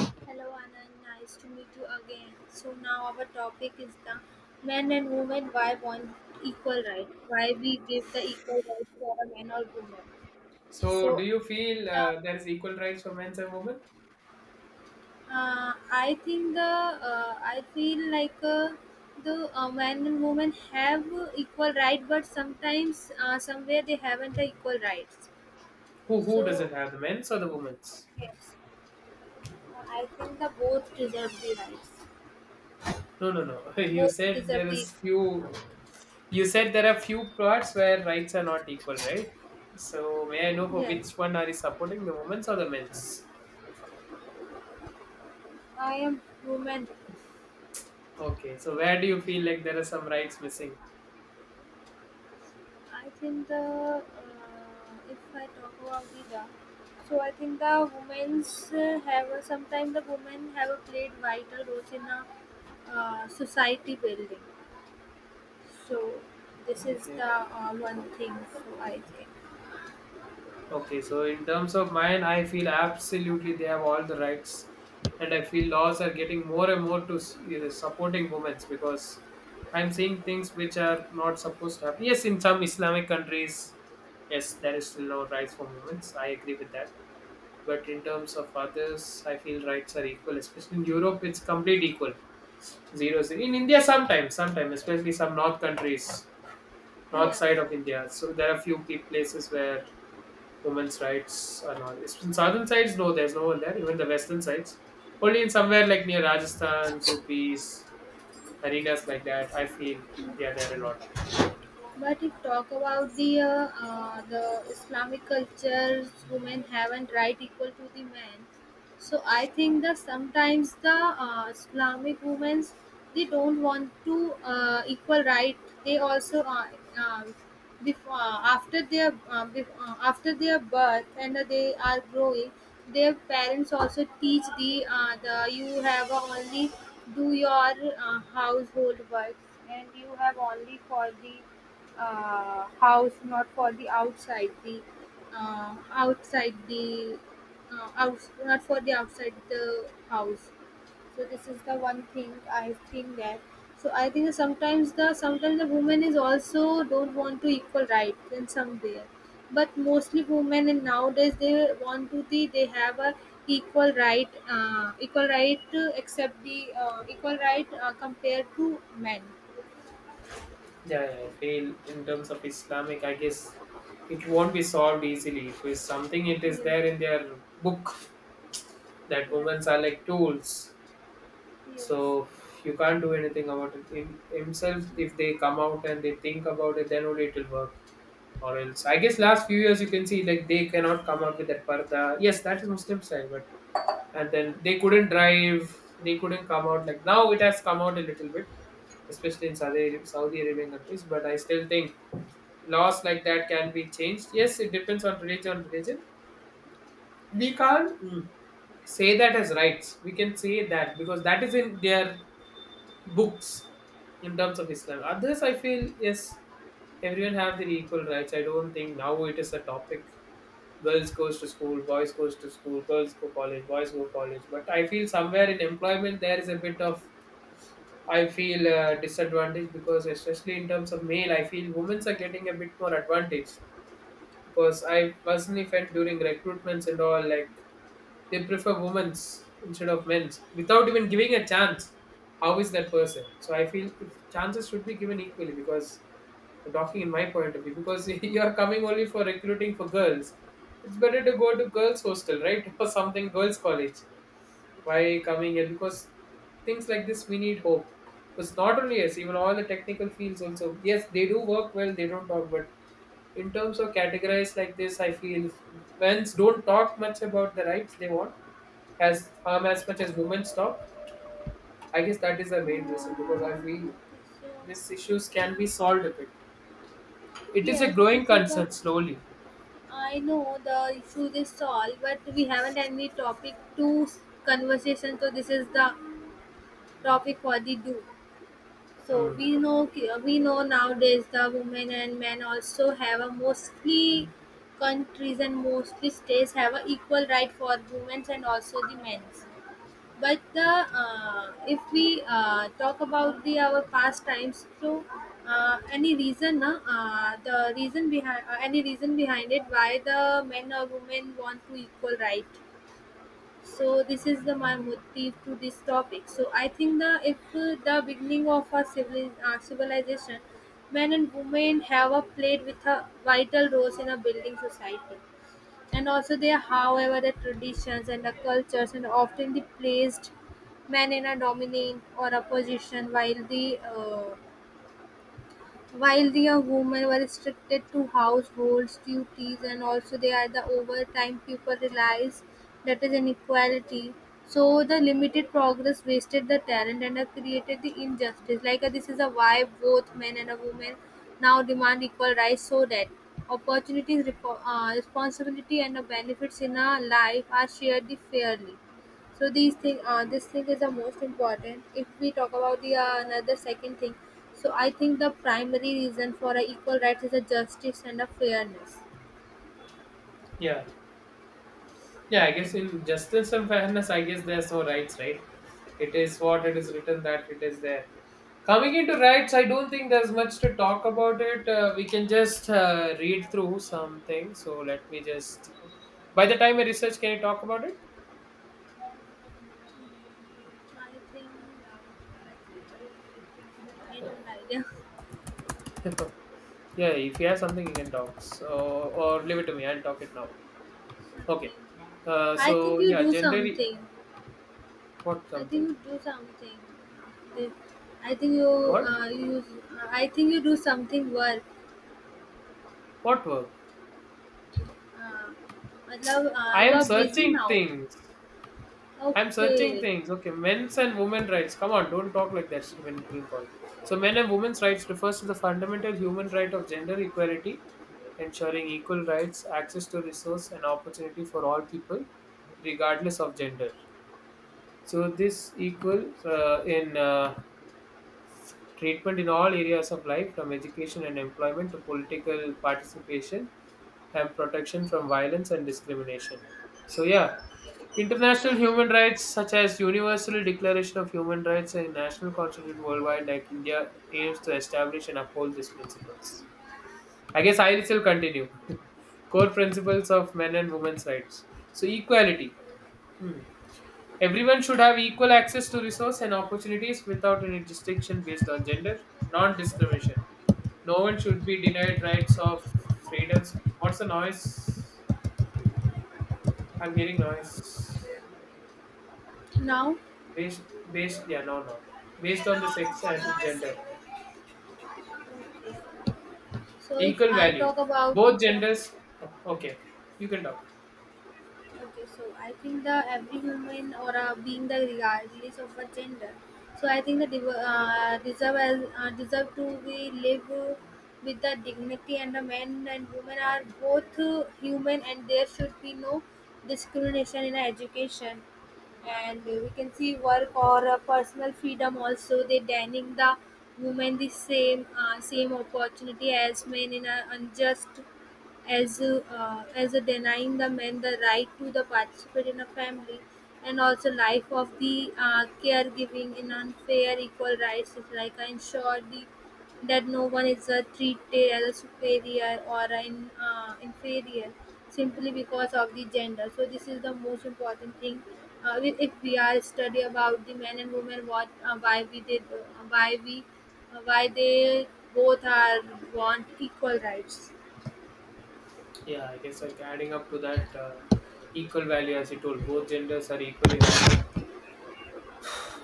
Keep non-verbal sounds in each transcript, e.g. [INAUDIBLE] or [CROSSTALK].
Hello Anand, nice to meet you again. So now our topic is the men and women why want equal right? Why we give the equal right for a man or woman? So, do So you feel the, there is equal rights for men's and women? uh, I think the I feel like the man and woman have equal right, but sometimes somewhere they haven't the equal rights. Who So doesn't have the men's or the women's? yes, I think the both deserve the rights. No, no, no. [LAUGHS] You Both said there deserve the is few. You said there are few parts where rights are not equal, right? So, may I know for yes. which one are you supporting, the women's or the men's? I am woman. Okay. So, where do you feel like there are some rights missing? I think the if I talk about the da, so I think the women's have a, sometimes the women have a played vital roles in a society building. So this is the Okay. One thing. So I think Okay, so in terms of mine, I feel absolutely they have all the rights, and I feel laws are getting more and more to you supporting women's because I'm seeing things which are not supposed to happen. Yes, in some Islamic countries, yes, there is still no rights for women's. I agree with that. But in terms of others, I feel rights are equal. Especially in Europe, it's complete equal. Zero, zero. In India, sometimes, sometimes, especially some north countries, north yes. side of India. So there are few places where women's rights and all. It's in southern sides, no, there's no one there. Even the western sides, only in somewhere like near Rajasthan, UPs, arenas like that. I feel they are there a lot. But if talk about the Islamic cultures, women haven't right equal to the men. So I think that sometimes the Islamic women they don't want to equal right. They also uh, Before, after their after their birth and they are growing, their parents also teach the you have only do your household works and you have only for the house, not for the outside the outside the uh, out, not for the outside the house. So this is the one thing I think that. So I think sometimes the women is also don't want to equal rights in some way, but mostly women in nowadays they want to the they have a equal right, equal right to accept the equal right compared to men. Yeah, yeah, I feel in terms of Islamic, I guess it won't be solved easily. It is something it is Yes, there in their book that yes, women are like tools. yes. So you can't do anything about it. In himself, if they come out and they think about it, then only it will work. Or else I guess last few years you can see like they cannot come up with that parda. Yes, that is Muslim style, but and then they couldn't drive, they couldn't come out like now it has come out a little bit, especially in Saudi Arabian countries. But I still think laws like that can be changed. Yes, it depends on religion. Religion, we can't say that as rights. We can say that because that is in their books in terms of Islam. Others, I feel, yes, everyone have their equal rights. I don't think now it is a topic. Girls goes to school, boys goes to school, girls go college, boys go college. But I feel somewhere in employment there is a bit of I feel disadvantage because especially in terms of male, I feel women's are getting a bit more advantage because I personally felt during recruitments and all like they prefer women's instead of men's without even giving a chance how is that person. So I feel if chances should be given equally because I'm talking in my point of view because [LAUGHS] you're coming only for recruiting for girls, it's better to go to girls hostel, right? [LAUGHS] Or something girls college, why coming here? Because things like this we need hope, because not only us, even all the technical fields also, yes, they do work well, they don't talk. But in terms of categorized like this, I feel men's don't talk much about the rights they want as harm as much as women's talk. I guess that is the main reason, because I feel Okay, so, these issues can yeah. be solved a bit. It is a Yes, this growing is the concern slowly. I know the issue is solved, but we haven't any topic to s- conversation. So this is the topic for the do. So Hmm. We know nowadays the women and men also have a mostly countries and mostly states have a equal right for women and also the men's. But the if we talk about the our pastimes, so any reason, the reason behind any reason behind it why the men or women want to equal right. So this is the my motive to this topic. So I think the if the beginning of our civilization, men and women have a played with a vital roles in a building society, and also there, however the traditions and the cultures and often the placed men in a dominant or a position while the young women were restricted to household duties and also they are the overtime people realized that is inequality. So the limited progress wasted the talent and created the injustice. This is a why both men and a woman now demand equal rights so that opportunities, responsibility and benefits in our life are shared fairly. So these this thing is the most important. If we talk about the another second thing, so I think the primary reason for a equal rights is a justice and a fairness. Yeah. Yeah, I guess Okay. in justice and fairness, I guess there's no rights, right? It is what it is written that it is there. Coming into rights, I don't think there's much to talk about it. We can just read through something. So let me just. By the time I research, can you talk about it? I think uh, I don't idea. [LAUGHS] Yeah, if you have something, you can talk. So or leave it to me. I'll talk it now. Okay. Okay. I think So you yeah, do gender. Something. What I think something? you do something. Okay. I think you What? uh, you use, I think you do something work. What work? Uh, मतलब I you am are busy searching now. things. I'm searching Okay. things. Okay, men's and women's rights. Come on, don't talk like that when it's been called. So, men and women's rights refers to the fundamental human right of gender equality, ensuring equal rights, access to resource, and opportunity for all people, regardless of gender. So, this equal in Treatment in all areas of life, from education and employment to political participation and protection from violence and discrimination. So, yeah, international human rights such as Universal Declaration of Human Rights and National Constitute worldwide, like India, aims to establish and uphold these principles. I guess I will continue. [LAUGHS] Core principles of men and women's rights. So, equality. Hmm. Everyone should have equal access to resource and opportunities without any distinction based on gender, non discrimination. No one should be denied rights or freedoms. What's the noise? I'm hearing noise. Now. Based, based, yeah, no, no. Based on the sex and gender. So if Equal I value. talk about it, Both genders. Oh, okay, okay. You can talk. okay, so I think the every human or being the regardless of a gender. So I think the deserve to be live with the dignity and the men and women are both human and there should be no discrimination in education, and we can see work or personal freedom also they denying the women the same same opportunity as men in a unjust as a denying the men the right to the participate in a family and also life of the caregiving in unfair equal rights is like I ensure the that no one is treated as a superior or an inferior simply because of the gender. So this is the most important thing. If we are study about the men and women, what why we why they both are want equal rights. Yeah, I guess like adding up to that equal value, as you told, both genders are equally valued,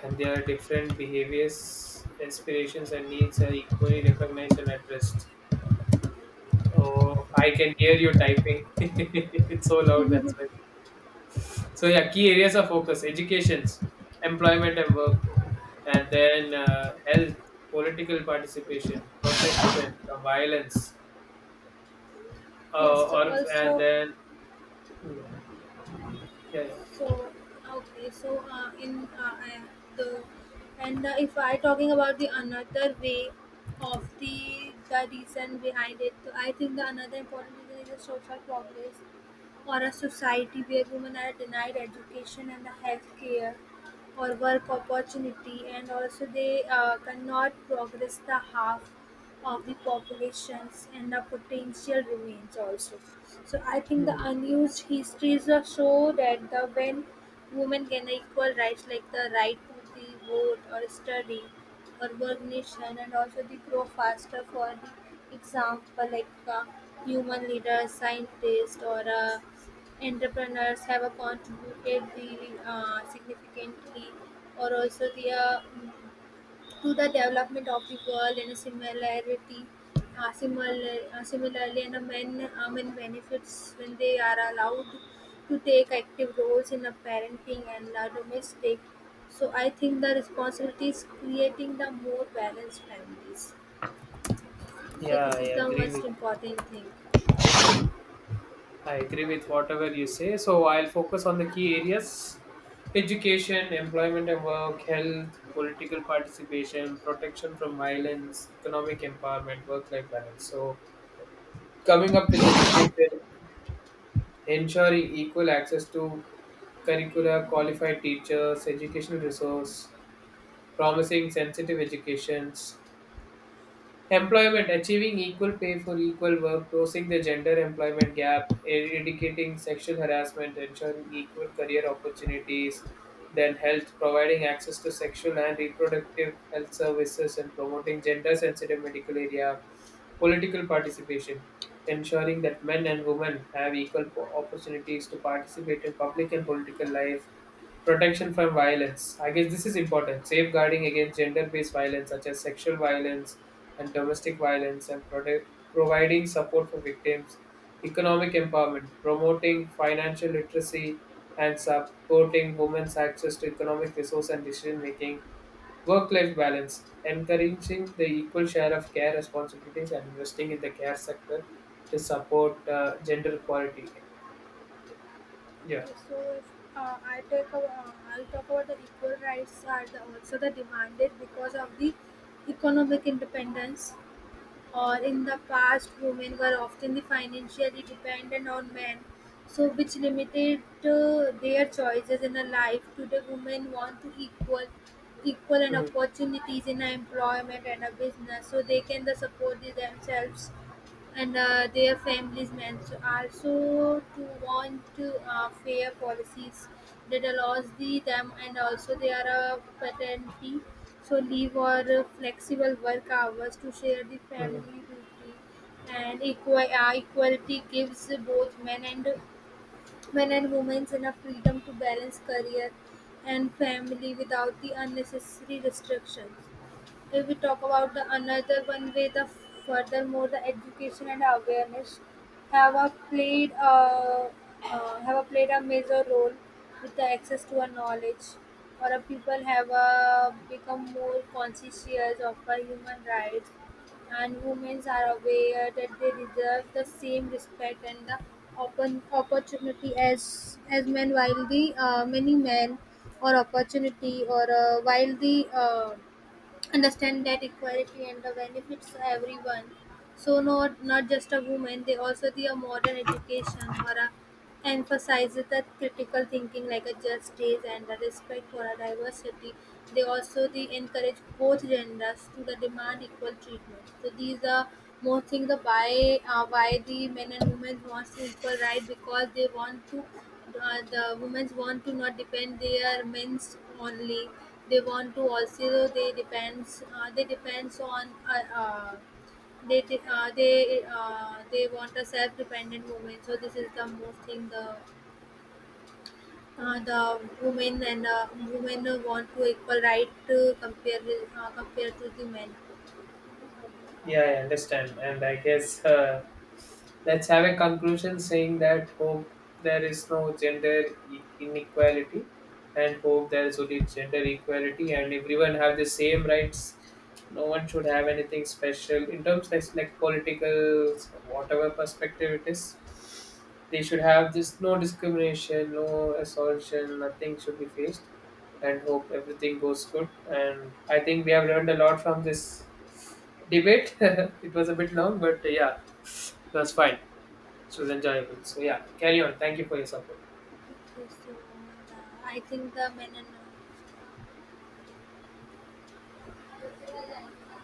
and their different behaviors, inspirations, and needs are equally recognized and addressed. Oh, I can hear you typing. [LAUGHS] It's so loud, that's why. So, yeah, key areas of focus educations, employment and work, and then health, political participation, protection from violence, Yes, so or and also then, hmm, yeah, yeah. so okay, so in I- the and if I talking about the another way of the reason behind it, so I think the another important reason is the social progress or a society where women are denied education and the health care or work opportunity and also they cannot progress the half of the populations and the potential remains also, so I think the Hmm. unused histories are show that the when women gain equal rights like the right to the vote or study or work nation and also they grow faster. For the example, uh, human leaders, scientists or entrepreneurs have contributed the significantly or also the to the development of the world in a similarity, similarly, and a men benefits when they are allowed to take active roles in a parenting and domestic. So I think the responsibility is creating the more balanced families, so Yeah, this is the most important thing. I agree with whatever you say. So I'll focus on the key areas education, employment and work, health, political participation, protection from violence, economic empowerment, work life balance. So coming up with education, ensuring equal access to curricula, qualified teachers, educational resource, promising sensitive educations, Employment achieving equal pay for equal work, closing the gender employment gap, eradicating sexual harassment, ensuring equal career opportunities, then health, providing access to sexual and reproductive health services, and promoting gender sensitive medical area, political participation, ensuring that men and women have equal opportunities to participate in public and political life, Protection from violence. I guess this is important. Safeguarding against gender based violence, such as sexual violence and domestic violence, and providing support for victims. Economic empowerment. Promoting financial literacy and supporting women's access to economic resource and decision making. Work life balance. Encouraging the equal share of care responsibilities and investing in the care sector to support gender equality. Yeah. Okay, so if I take a, I'll talk about the equal rights are the, also the demanded because of the economic independence. Or in the past, women were often the financially dependent on men, so which limited their choices in a life. Today, women want to equal and Mm, opportunities in a employment and a business, so they can the support the themselves and their families, may also also to want to, fair policies that allows the them and also they are a paternity so leave or flexible work hours to share the mm. family duty, and equality gives both men and women enough freedom to balance career and family without the unnecessary restrictions. If we talk about the another one way, the furthermore the education and awareness have a played a have a played a major role with the access to a knowledge, or a people have a become more conscious of a human rights, and women are aware that they deserve the same respect and the open opportunity as men while the many men or opportunity or while the understand that equality and the benefits everyone, so not just a woman, they also the a modern education or a emphasizes the critical thinking like a justice and the respect for a diversity. They also they encourage both genders to the demand equal treatment. So these are more things the why the men and women wants to equal right because they want to the women want to not depend their men's only, they want to also they depends on they want a self-dependent woman. So this is the most thing the women and women want to equal right to compared to the men. Yeah, I understand. And I guess let's have a conclusion saying that hope there is no gender inequality and hope there is only gender equality and everyone have the same rights. No one should have anything special in terms like political, whatever perspective it is. They should have this no discrimination, no assaultion, nothing should be faced and hope everything goes good. And I think we have learned a lot from this debate. [LAUGHS] It was a bit long, but yeah, it was fine. It was enjoyable. So yeah, carry on. Thank you for your support. Okay, so I think the men and